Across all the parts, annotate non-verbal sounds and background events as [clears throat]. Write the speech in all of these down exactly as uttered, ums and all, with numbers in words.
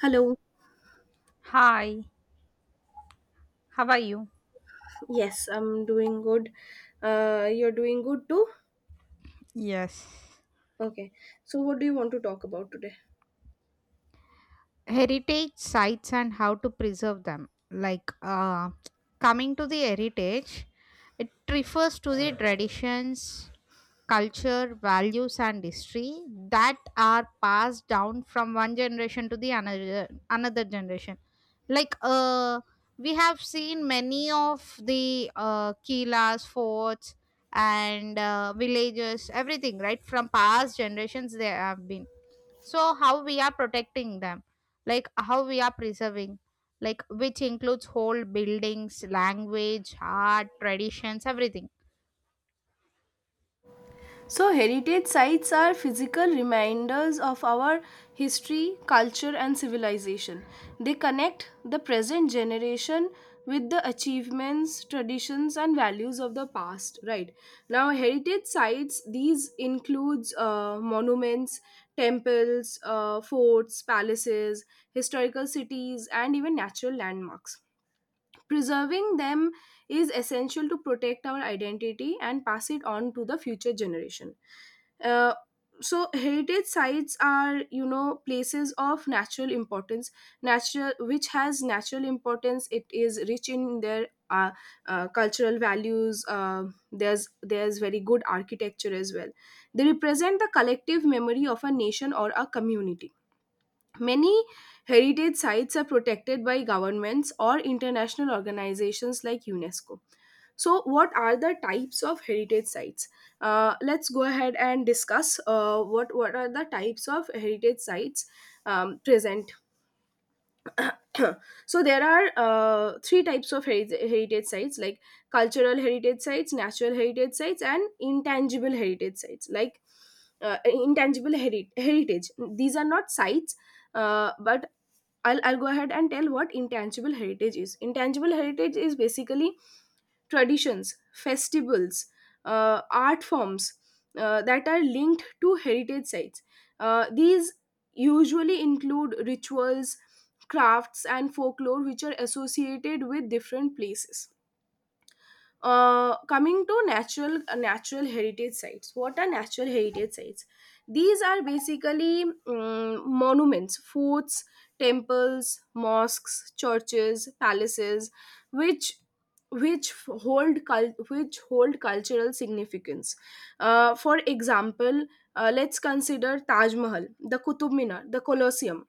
Hello. Hi, how are you? Yes, I'm doing good. Uh, you're doing good too? Yes. Okay. So, what do you want to talk about today? Heritage sites and how to preserve them. Like uh, coming to the heritage, it refers to the traditions, culture, values, and history that are passed down from one generation to the another another generation. Like uh, we have seen many of the uh, kilas, forts, and uh, villages, everything right from past generations. They have been, so how we are protecting them, like how we are preserving, like which includes whole buildings, language, art, traditions, everything. So, heritage sites are physical reminders of our history, culture, and civilization. They connect the present generation with the achievements, traditions, and values of the past. Right now, heritage sites these includes uh, monuments, temples, uh, forts, palaces, historical cities, and even natural landmarks. Preserving them is essential to protect our identity and pass it on to the future generation. Uh, so heritage sites are you know places of natural importance, natural which has natural importance. It is rich in their uh, uh, cultural values. uh, there's there's very good architecture as well. They represent the collective memory of a nation or a community. Many heritage sites are protected by governments or international organizations like UNESCO. So, what are the types of heritage sites? Uh, let's go ahead and discuss uh, what what are the types of heritage sites um, present. [clears throat] So, there are uh, three types of heri- heritage sites, like cultural heritage sites, natural heritage sites, and intangible heritage sites. Like uh, intangible heri- heritage, these are not sites, uh, but I'll, I'll go ahead and tell what intangible heritage is. Intangible heritage is basically traditions, festivals, uh, art forms uh, that are linked to heritage sites. Uh, these usually include rituals, crafts, and folklore which are associated with different places. Uh, coming to natural, uh, natural heritage sites, what are natural heritage sites? These are basically mm, monuments, forts, temples, mosques, churches, palaces which which hold cul- which hold cultural significance. Uh, for example, uh, let's consider Taj Mahal, the Qutub Minar, the Colosseum.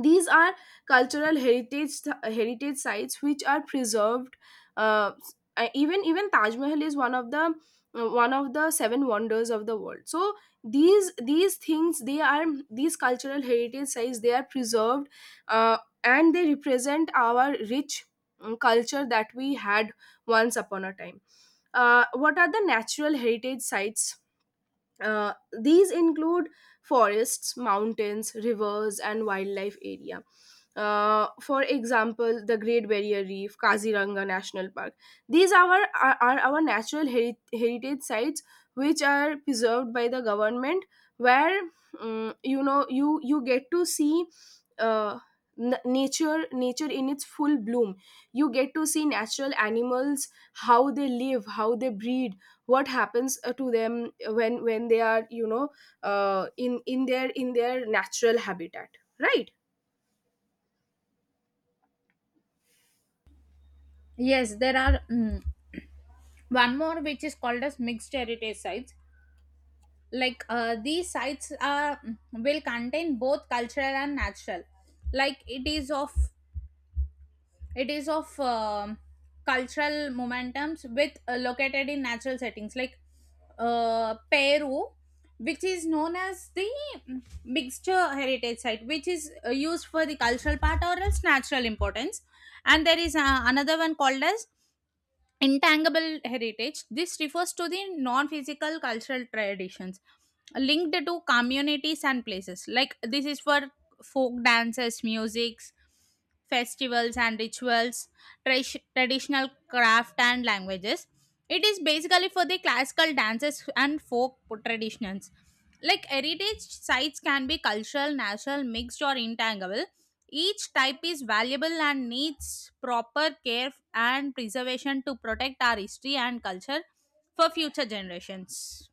These are cultural heritage heritage sites which are preserved. uh, uh, even even Taj Mahal is one of the uh, one of the seven wonders of the world. So these these things they are, these cultural heritage sites, they are preserved. uh, and they represent our rich mm, culture that we had once upon a time. Uh, what are the natural heritage sites? uh, these include forests, mountains, rivers, and wildlife area. Uh, for example, the Great Barrier Reef, Kaziranga National Park. These are our, are, are our natural heri- heritage sites, which are preserved by the government. Where um, you know you you get to see uh, n- nature nature in its full bloom. You get to see natural animals, how they live, how they breed, what happens uh, to them when when they are you know uh, in in their in their natural habitat, right? Yes, there are mm, one more which is called as mixed heritage sites. Like uh, these sites are mm, will contain both cultural and natural. Like it is of it is of um, cultural momentums with, uh, located in natural settings like uh, Peru, which is known as the mm, mixture heritage site, which is uh, used for the cultural part or else natural importance. And there is uh, another one called as intangible heritage. This refers to the non physical cultural traditions linked to communities and places. Like this is for folk dances, musics, festivals and rituals, tradi- traditional craft and languages. It is basically for the classical dances and folk traditions. Like heritage sites can be cultural, national, mixed, or intangible. Each type is valuable and needs proper care and preservation to protect our history and culture for future generations.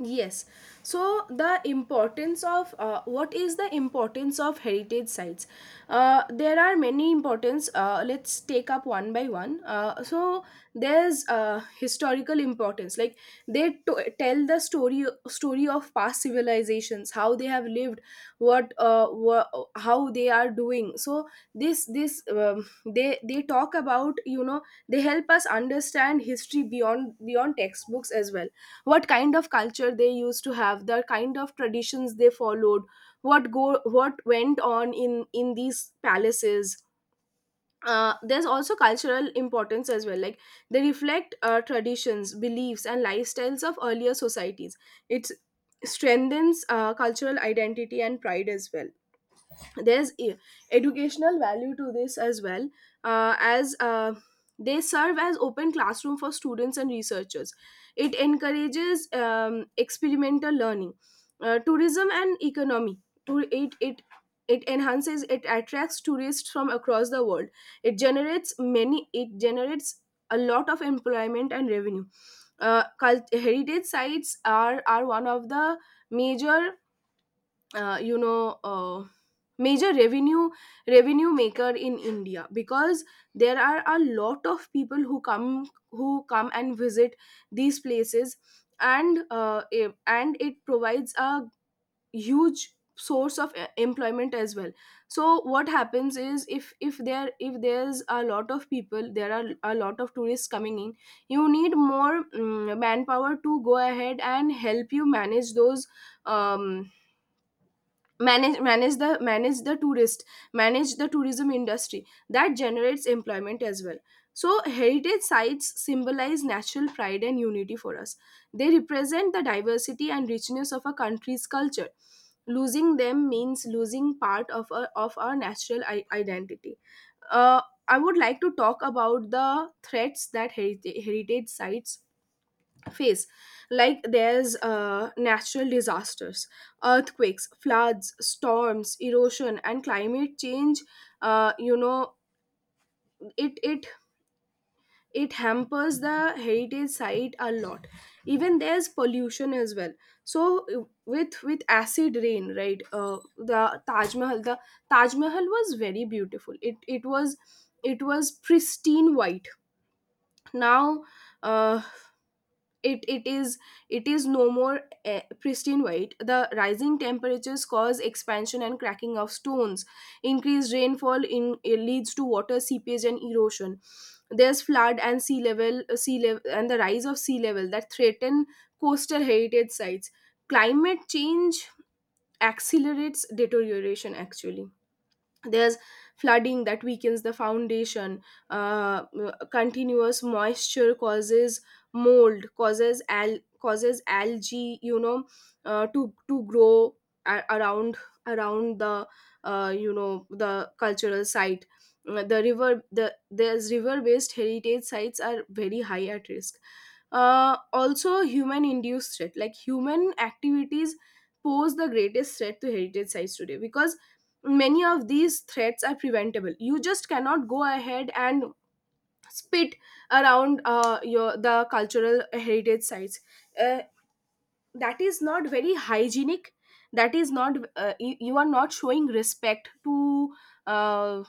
Yes. So the importance of, uh, what is the importance of heritage sites? Uh, there are many importance. Uh, let's take up one by one. Uh, so there's uh, historical importance. Like they to- tell the story story of past civilizations, how they have lived, what uh, wha- how they are doing. So this this um, they they talk about, you know they help us understand history beyond beyond textbooks as well, what kind of culture they used to have, the kind of traditions they followed, what go what went on in in these palaces. Uh, there's also cultural importance as well. Like they reflect uh, traditions, beliefs, and lifestyles of earlier societies. It strengthens uh, cultural identity and pride as well. there's e- Educational value to this as well, uh, as uh, they serve as open classroom for students and researchers. It encourages um, experimental learning. Uh, tourism and economy to it, it it enhances, it attracts tourists from across the world. It generates many it generates a lot of employment and revenue. Uh, cult- heritage sites are are one of the major, uh, you know uh, major revenue, revenue maker in India, because there are a lot of people who come, who come and visit these places. And uh, if- and it provides a huge source of e- employment as well. So what happens is, if if there if there's a lot of people, there are a lot of tourists coming in, you need more mm manpower to go ahead and help you manage those. um, manage manage the Manage the tourist, manage the tourism industry, that generates employment as well. So heritage sites symbolize natural pride and unity for us. They represent the diversity and richness of a country's culture. Losing them means losing part of our, of our natural I- identity. uh, I would like to talk about the threats that heritage, heritage sites face. Like there's uh, natural disasters, earthquakes, floods, storms, erosion, and climate change. uh, you know it it it hampers the heritage site a lot. Even there's pollution as well. So uh, with with acid rain, right, uh, the taj mahal the Taj Mahal was very beautiful. It it was it was pristine white. Now uh, it it is it is no more eh, pristine white. The rising temperatures cause expansion and cracking of stones. Increased rainfall in eh, leads to water seepage and erosion. There's flood and sea level eh, sea level and the rise of sea level that threaten coastal heritage sites. Climate change accelerates deterioration actually. There's flooding that weakens the foundation. Uh, uh, continuous moisture causes mold, causes al- causes algae, you know uh, to to grow a- around around the, uh, you know the cultural site. Uh, the river the there's river based heritage sites are very high at risk. Uh, also, human induced threat, like human activities pose the greatest threat to heritage sites today, because many of these threats are preventable. You just cannot go ahead and spit around uh, your the cultural heritage sites. uh, that is not very hygienic. That is not, uh, you, you are not showing respect to, uh,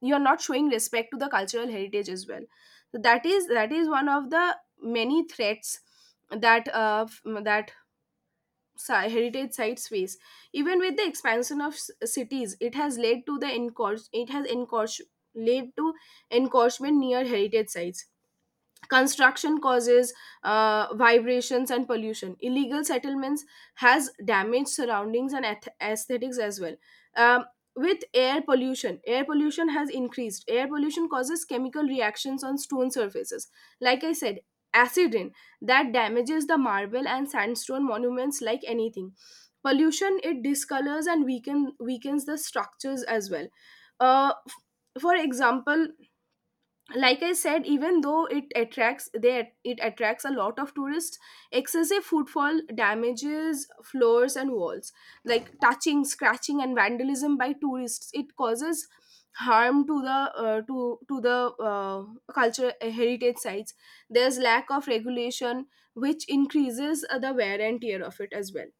you're not showing respect to the cultural heritage as well. So that is, that is one of the many threats that uh, f- that si- heritage sites face. Even with the expansion of s- cities, it has led to the encroach it has encroach led to encroachment near heritage sites. Construction causes uh, vibrations and pollution, illegal settlements has damaged surroundings and ath- aesthetics as well. um, with air pollution air pollution has increased, air pollution causes chemical reactions on stone surfaces. Like I said, acid rain, that damages the marble and sandstone monuments like anything. Pollution, it discolors and weaken, weakens the structures as well. Uh, f- for example, like I said, even though it attracts, they it attracts a lot of tourists, excessive footfall damages floors and walls, like touching, scratching, and vandalism by tourists, it causes harm to the, uh, to to the uh, culture, uh, heritage sites. There's lack of regulation which increases uh, the wear and tear of it as well.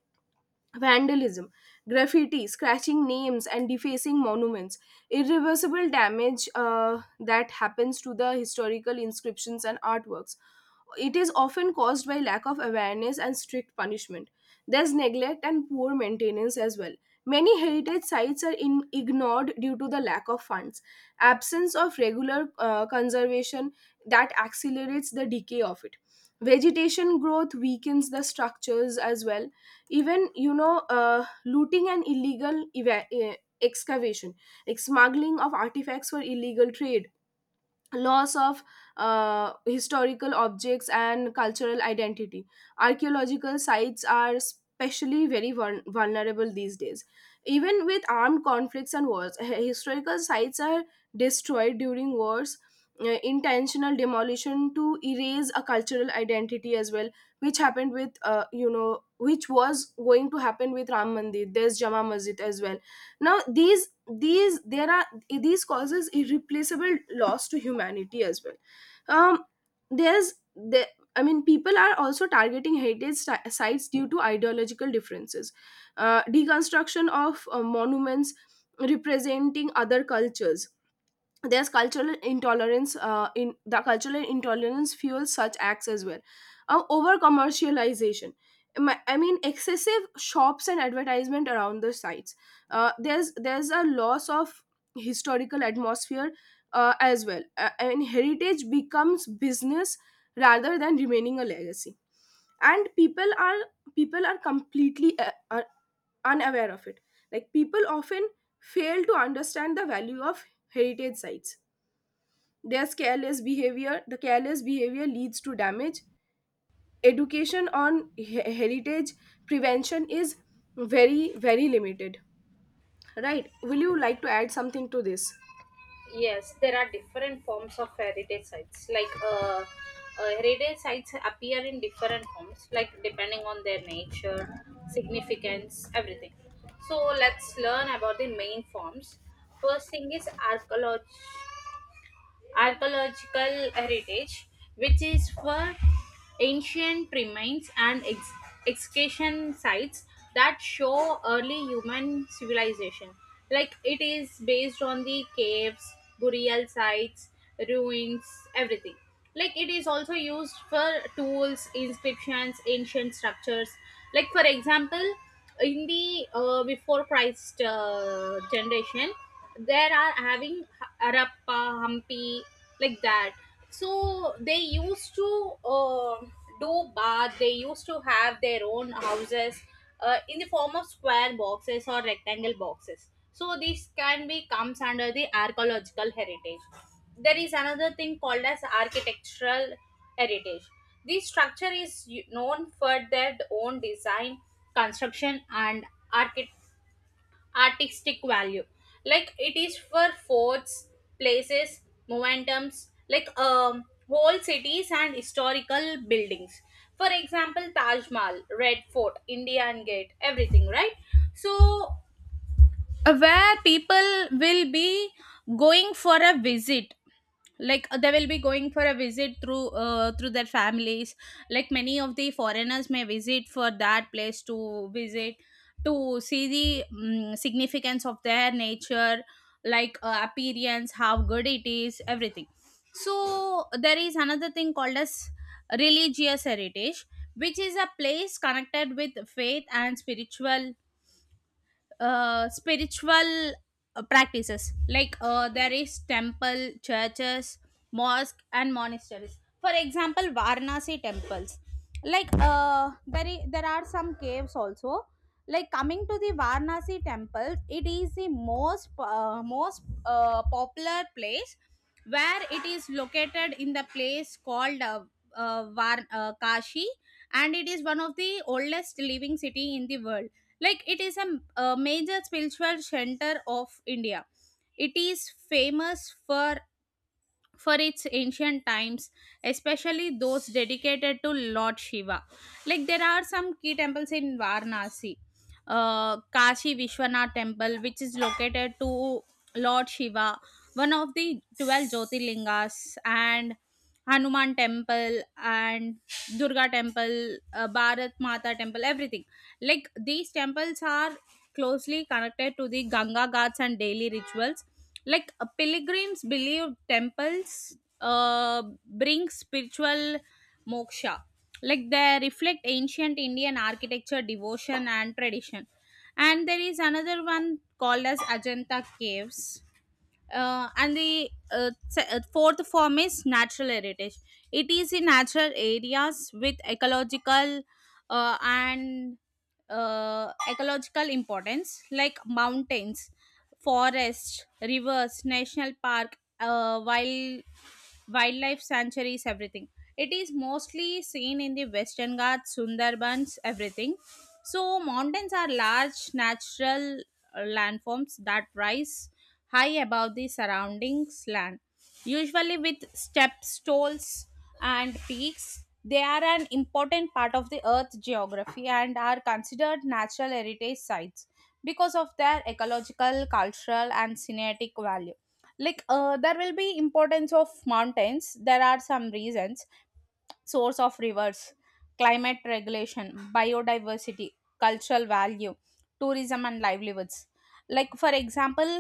Vandalism, graffiti, scratching names, and defacing monuments, irreversible damage uh, that happens to the historical inscriptions and artworks. It is often caused by lack of awareness and strict punishment. There's neglect and poor maintenance as well. Many heritage sites are in, ignored due to the lack of funds, absence of regular uh, conservation that accelerates the decay of it. Vegetation growth weakens the structures as well. Even, you know, uh, looting and illegal eva- eh, excavation, like smuggling of artifacts for illegal trade, loss of uh, historical objects and cultural identity. Archaeological sites are especially very vul- vulnerable these days. Even with armed conflicts and wars, h- historical sites are destroyed during wars. Uh, intentional demolition to erase a cultural identity as well, which happened with, uh, you know, which was going to happen with Ram Mandir. There's Jama Masjid as well. Now these these there are these causes irreplaceable loss to humanity as well. um, there's there, I mean, people are also targeting heritage si- sites due to ideological differences. Uh, deconstruction of uh, monuments representing other cultures. There's cultural intolerance, uh, in the cultural intolerance fuels such acts as well. Uh, over commercialization, My- I mean excessive shops and advertisement around the sites. Uh, there's there's a loss of historical atmosphere uh, as well, uh, and heritage becomes business rather than remaining a legacy, and people are, people are completely uh, uh, unaware of it. Like people often fail to understand the value of heritage sites. There's careless behavior. The careless behavior leads to damage. Education on he- heritage prevention is very, very limited. Right? Will you like to add something to this? Yes, there are different forms of heritage sites. Like uh, uh, heritage sites appear in different forms, like depending on their nature, significance, everything. So let's learn about the main forms. First thing is archaeology, archaeological heritage, which is for ancient remains and ex- excavation sites that show early human civilization. Like it is based on the caves, burial sites, ruins, everything. Like it is also used for tools, inscriptions, ancient structures. Like for example, in the uh, before Christ uh, generation, there are having Harappa, Hampi, like that. So they used to uh, do bath. They used to have their own houses uh, in the form of square boxes or rectangle boxes. So this can be comes under the archaeological heritage. There is another thing called as architectural heritage. This structure is u- known for their own design, construction, and archi- artistic value. Like it is for forts, places, momentums, like um, whole cities and historical buildings. For example, Taj Mahal, Red Fort, Indian Gate, everything, right? So where people will be going for a visit, like uh, they will be going for a visit through uh, through their families. Like many of the foreigners may visit for that place to visit, to see the mm significance of their nature, like uh, appearance, how good it is, everything. So there is another thing called as religious heritage, which is a place connected with faith and spiritual uh, spiritual uh, practices. Like uh, there is temple, churches, mosque, and monasteries. For example, Varanasi temples. Like uh, there, i- there are some caves also. Like coming to the Varanasi temple, it is the most uh, most uh, popular place, where it is located in the place called uh, uh, Var- uh, Kashi, and it is one of the oldest living city in the world. Like it is a a major spiritual center of India. It is famous for for its ancient times, especially those dedicated to Lord Shiva. Like there are some key temples in Varanasi: uh, Kashi Vishwanath Temple, which is located to Lord Shiva, one of the twelve Jyotirlingas, and Hanuman Temple, and Durga Temple, uh, Bharat Mata Temple, everything. Like these temples are closely connected to the Ganga Ghats and daily rituals. Like uh, pilgrims believe temples uh, bring spiritual moksha. Like they reflect ancient Indian architecture, devotion, and tradition. And there is another one called as Ajanta Caves. Uh, and the uh, se- uh, fourth form is natural heritage. It is in natural areas with ecological uh, and uh, ecological importance, like mountains, forests, rivers, national park, uh, wild wildlife sanctuaries, everything. It is mostly seen in the Western Ghats, Sundarbans, everything. So mountains are large natural uh, landforms that rise high above the surroundings land. Usually with steps, tolls, and peaks, they are an important part of the Earth geography and are considered natural heritage sites because of their ecological, cultural, and scenic value. Like uh, there will be importance of mountains. There are some reasons: source of rivers, climate regulation, biodiversity, cultural value, tourism, and livelihoods. Like for example,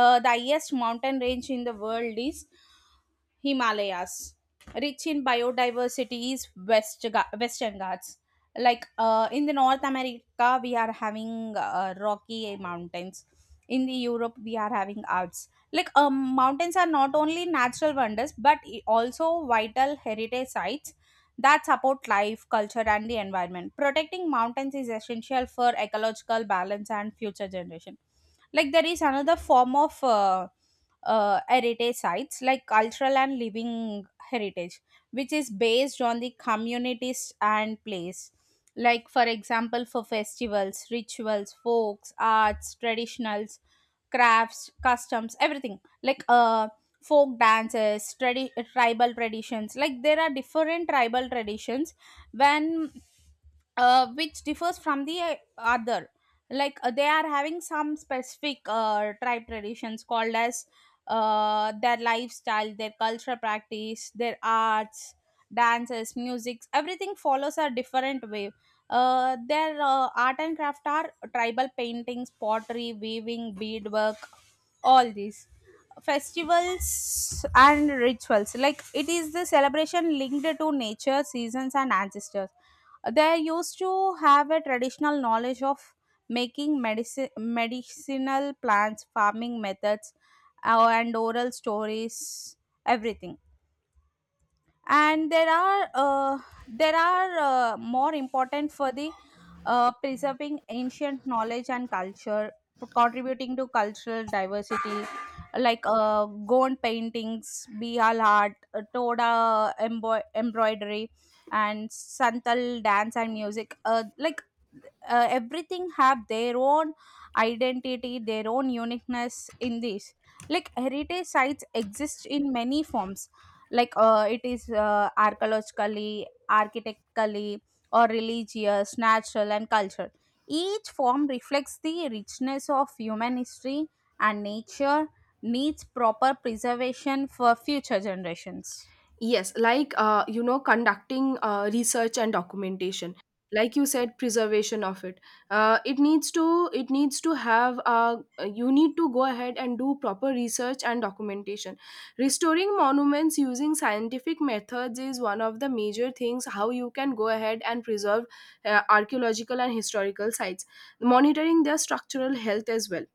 uh, the highest mountain range in the world is Himalayas. Rich in biodiversity is West Ga- Western Ghats. Like uh, in the North America, we are having uh, rocky mountains. In the Europe, we are having Alps. Like um, mountains are not only natural wonders, but i- also vital heritage sites that support life, culture, and the environment. Protecting mountains is essential for ecological balance and future generation. Like there is another form of uh, uh, heritage sites, like cultural and living heritage, which is based on the communities and place. Like for example, for festivals, rituals, folks, arts, traditionals, crafts, customs, everything. Like, uh, folk dances, tradi- tribal traditions. Like, there are different tribal traditions when, uh, which differs from the uh, other. Like uh, they are having some specific uh, tribe traditions called as uh, their lifestyle, their cultural practice, their arts, dances, music, everything follows a different way. Uh, their uh, art and craft are tribal paintings, pottery, weaving, beadwork, all these. Festivals and rituals, like it is the celebration linked to nature, seasons, and ancestors. They used to have a traditional knowledge of making medicine, medicinal plants, farming methods, uh, and oral stories, everything. And there are uh, there are uh, more important for the uh, preserving ancient knowledge and culture, p- contributing to cultural diversity. like uh, Gond paintings, bihal art, uh, toda embo- embroidery, and santal dance and music. Uh, like uh, everything have their own identity, their own uniqueness in this. Like heritage sites exist in many forms, like uh, it is uh, archaeologically, architecturally, or religious, natural, and cultural. Each form reflects the richness of human history and nature, needs proper preservation for future generations. Yes, like, uh, you know, conducting uh, research and documentation. Like you said, preservation of it. Uh, it needs to. It needs to have. Uh, you need to go ahead and do proper research and documentation. Restoring monuments using scientific methods is one of the major things, how you can go ahead and preserve uh, archaeological and historical sites, monitoring their structural health as well.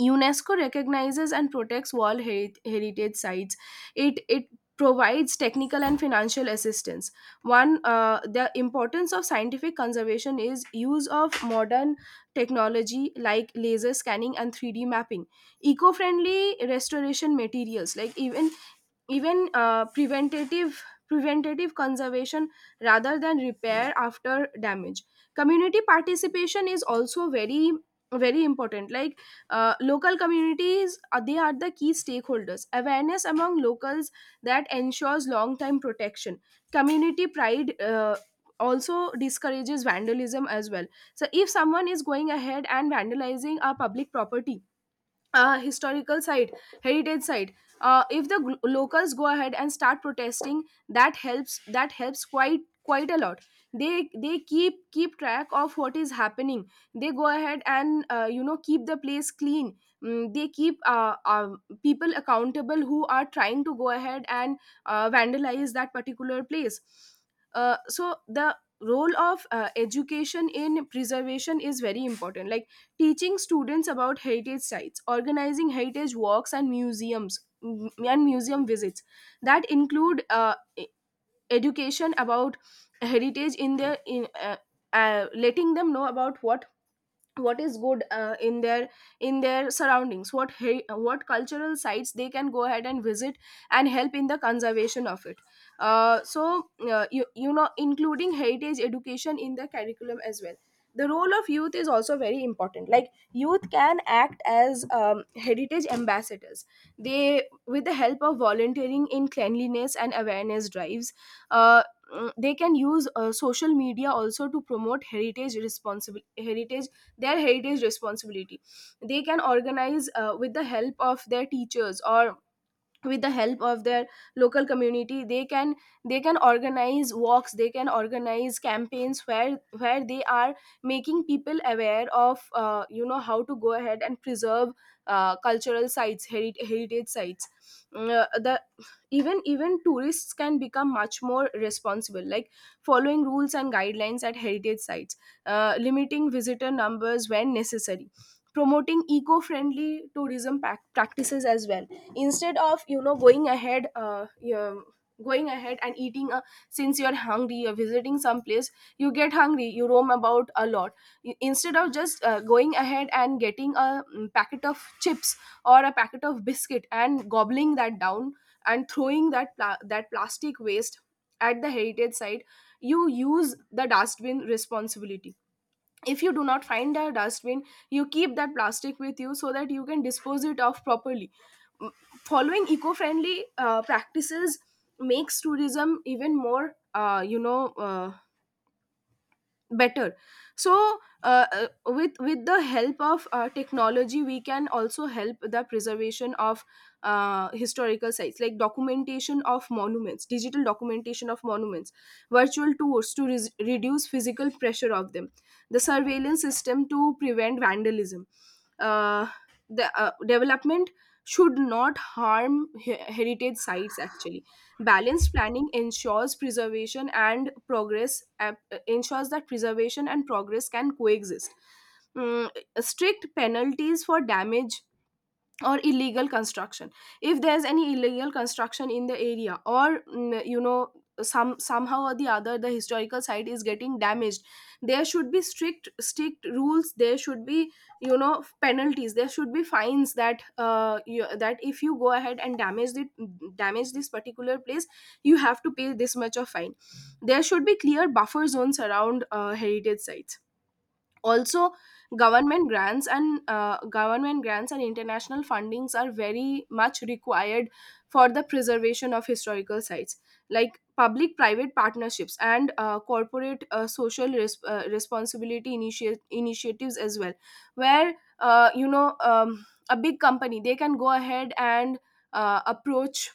UNESCO recognizes and protects World Heri- Heritage Sites. It it provides technical and financial assistance. One, uh, the importance of scientific conservation is use of modern technology like laser scanning and three D mapping, eco-friendly restoration materials like even even uh, preventative preventative conservation rather than repair after damage. Community participation is also very very important. Like uh, local communities, uh, they are the key stakeholders. Awareness among locals that ensures long time protection. Community pride uh, also discourages vandalism as well. So if someone is going ahead and vandalizing a public property, uh, historical site, heritage site. Uh, if the gl- locals go ahead and start protesting, that helps. That helps quite quite a lot. They they keep keep track of what is happening. They go ahead and uh, you know keep the place clean. Mm, they keep uh, uh, people accountable who are trying to go ahead and uh, vandalize that particular place. Uh, so the role of uh, education in preservation is very important. Like teaching students about heritage sites, organizing heritage walks and museums m- and museum visits that include uh, e- education about heritage in their in uh, uh, letting them know about what what is good uh, in their in their surroundings, what he- what cultural sites they can go ahead and visit and help in the conservation of it. Uh, so uh, you, you know including heritage education in the curriculum as well. The role of youth is also very important. Like youth can act as um, heritage ambassadors. They, with the help of volunteering in cleanliness and awareness drives, uh, mm, they can use uh, social media also to promote heritage responsible heritage their heritage responsibility. They can organize, uh, with the help of their teachers or with the help of their local community. They can they can organize walks, they can organize campaigns where where they are making people aware of uh, you know how to go ahead and preserve uh, cultural sites, heri- heritage sites. Mm, Uh, the even even tourists can become much more responsible. Like following rules and guidelines at heritage sites, uh, limiting visitor numbers when necessary, promoting eco-friendly tourism pac- practices as well. Instead of, you know, going ahead, uh, you going ahead and eating a, since you're hungry, you're visiting some place, you get hungry, you roam about a lot, I- instead of just uh, going ahead and getting a mm, packet of chips or a packet of biscuit and gobbling that down and throwing that pla- that plastic waste at the heritage site, you use the dustbin responsibility. If you do not find a dustbin, you keep that plastic with you so that you can dispose it off properly. M- Following eco-friendly uh, practices makes tourism even more uh, you know uh, better. So uh, uh, with with the help of uh, technology, we can also help the preservation of uh, historical sites. Like documentation of monuments digital documentation of monuments, virtual tours to res- reduce physical pressure of them, the surveillance system to prevent vandalism. Uh, the uh, Development should not harm he- heritage sites. Actually, balanced planning ensures preservation and progress uh, ensures that preservation and progress can coexist. Mm, Strict penalties for damage or illegal construction. If there's any illegal construction in the area, or mm, you know, some somehow or the other the historical site is getting damaged, there should be strict strict rules, there should be, you know, penalties, there should be fines, that uh, you, that if you go ahead and damage the damage this particular place, you have to pay this much of fine. There should be clear buffer zones around uh, heritage sites also. Government grants and uh, government grants and international fundings are very much required for the preservation of historical sites, like public private partnerships and uh, corporate uh, social res- uh, responsibility initiate initiatives as well, where uh, you know um, a big company, they can go ahead and uh, approach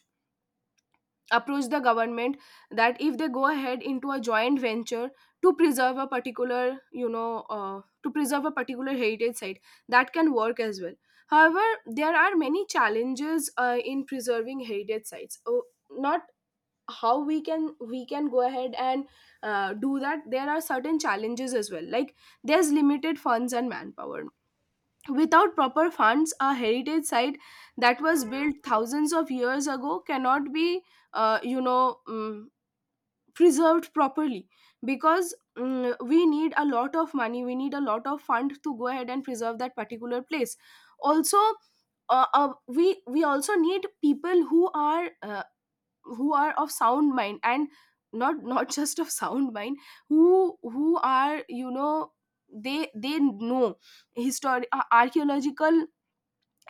approach the government, that if they go ahead into a joint venture to preserve a particular, you know, uh, to preserve a particular heritage site, that can work as well. However, there are many challenges uh, in preserving heritage sites. Oh, not how we can we can go ahead and uh, do that, there are certain challenges as well. Like there's limited funds and manpower. Without proper funds, a heritage site that was built thousands of years ago cannot be, uh, you know, um, preserved properly, because mm, we need a lot of money, we need a lot of fund to go ahead and preserve that particular place. Also, uh, uh, we we also need people who are uh, who are of sound mind and not not [laughs] just of sound mind, who who are, you know, they they know, histori- uh, archaeological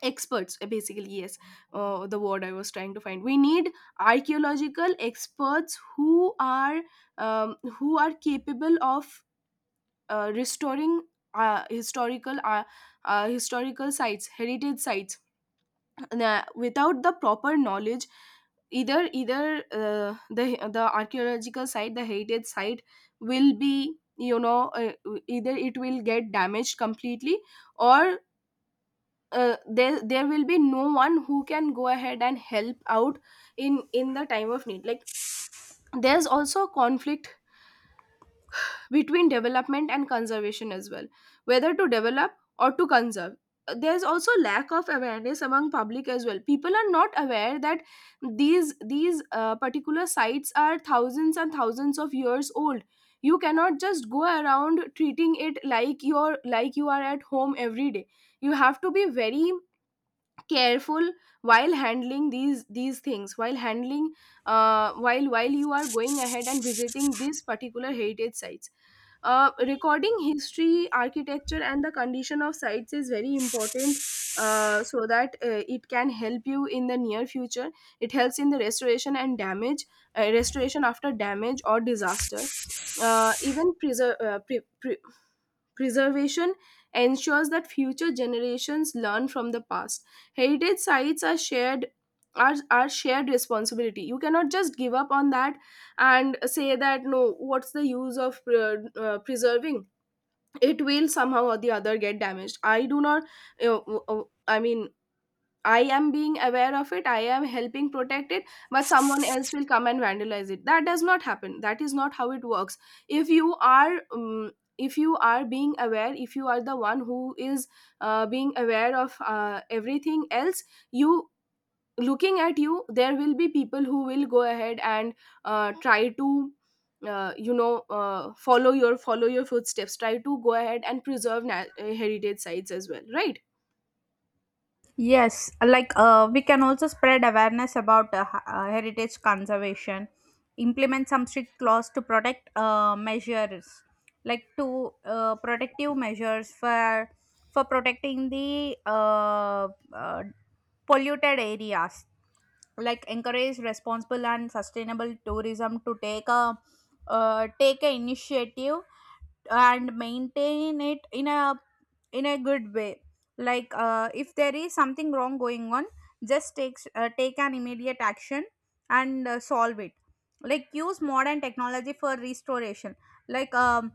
experts, uh, basically. Yes, uh, the word I was trying to find, we need archaeological experts who are um, who are capable of uh, restoring uh, historical uh, uh, historical sites, heritage sites. Now, without the proper knowledge, either either uh, the the archaeological site, the heritage site will be, you know, uh, either it will get damaged completely, or uh, there there will be no one who can go ahead and help out in in the time of need. Like there's also a conflict between development and conservation as well, whether to develop or to conserve. Uh, there's also lack of awareness among public as well. People are not aware that these these uh, particular sites are thousands and thousands of years old. You cannot just go around treating it like you're like you are at home every day. You have to be very careful while handling these these things, while handling, uh, while while you are going ahead and visiting these particular heritage sites. Uh, recording history, architecture, and the condition of sites is very important, uh, so that uh, it can help you in the near future. It helps in the restoration and damage uh, restoration after damage or disaster. Uh, even preser- uh, pre- pre- preservation ensures that future generations learn from the past. Heritage sites are shared, are, are shared responsibility. You cannot just give up on that and say that no, what's the use of uh, uh, preserving, it will somehow or the other get damaged, I do not, uh, uh, I mean, I am being aware of it, I am helping protect it, but someone else will come and vandalize it. That does not happen. That is not how it works. If you are, um, if you are being aware, if you are the one who is uh, being aware of uh, everything else, you, looking at you, there will be people who will go ahead and uh, try to uh, you know uh, follow your follow your footsteps, try to go ahead and preserve na- uh, heritage sites as well, right? Yes, like uh, we can also spread awareness about uh, ha- uh, heritage conservation, implement some strict laws to protect uh, measures, like to uh, protective measures for for protecting the uh, uh, polluted areas, like encourage responsible and sustainable tourism to take a uh, take a initiative and maintain it in a in a good way. Like uh, if there is something wrong going on, just takes uh, take an immediate action and uh, solve it. Like use modern technology for restoration. like um,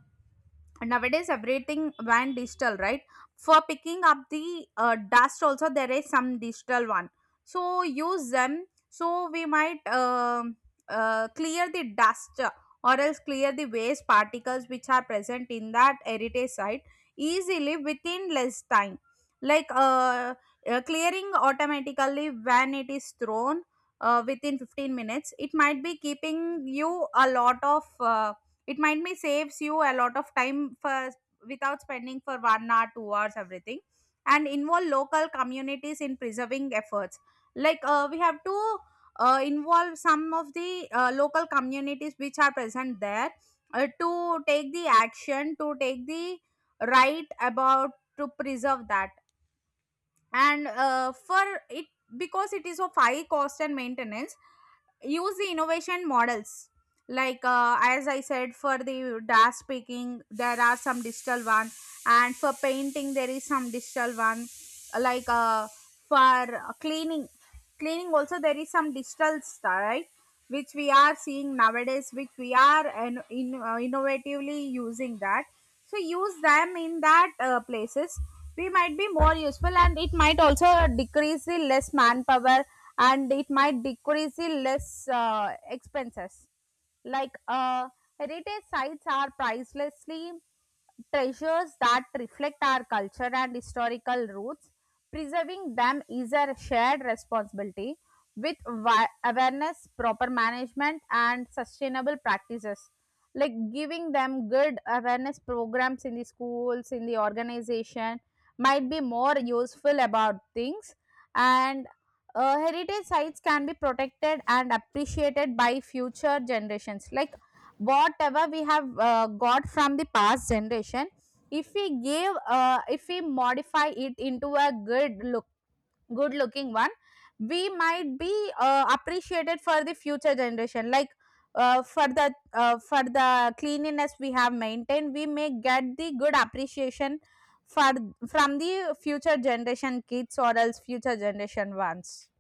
Nowadays everything went digital, right? For picking up the uh, dust also, there is some digital one. So use them, so we might um uh, clear the dust uh, or else clear the waste particles which are present in that heritage site easily within less time. like uh, uh, Clearing automatically when it is thrown, uh, within fifteen minutes, it might be keeping you a lot of, uh, it might be saves you a lot of time for, without spending for one hour, two hours, everything, and involve local communities in preserving efforts. Like uh, we have to uh, involve some of the uh, local communities which are present there, uh, to take the action, to take the right about to preserve that. And uh, for it, because it is of high cost and maintenance, use the innovation models. Like uh, as I said, for the dash picking, there are some digital one, and for painting, there is some digital one. like uh, for cleaning cleaning also, there is some digital stuff, right, which we are seeing nowadays, which we are and in, uh, innovatively using that. So use them in that uh, places. We might be more useful, and it might also decrease the less manpower, and it might decrease the less uh, expenses. like uh, Heritage sites are pricelessly treasures that reflect our culture and historical roots. Preserving them is a shared responsibility with wi- awareness, proper management, and sustainable practices. Like giving them good awareness programs in the schools, in the organization might be more useful about things. And uh, heritage sites can be protected and appreciated by future generations. Like whatever we have uh, got from the past generation, if we give, uh, if we modify it into a good good looking one, we might be uh, appreciated for the future generation. Like uh, for the uh, for the cleanliness we have maintained, we may get the good appreciation for, from the future generation kids, or else future generation ones.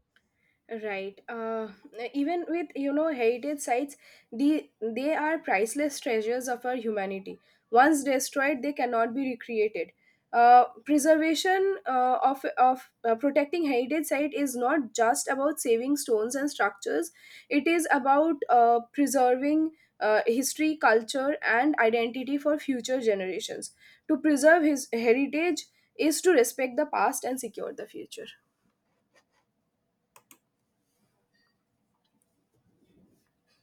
Right. Uh, even with, you know, heritage sites, the they are priceless treasures of our humanity. Once destroyed, they cannot be recreated. Uh, preservation uh, of of uh, protecting heritage site is not just about saving stones and structures. It is about uh, preserving uh, history, culture, and identity for future generations. To preserve his heritage is to respect the past and secure the future.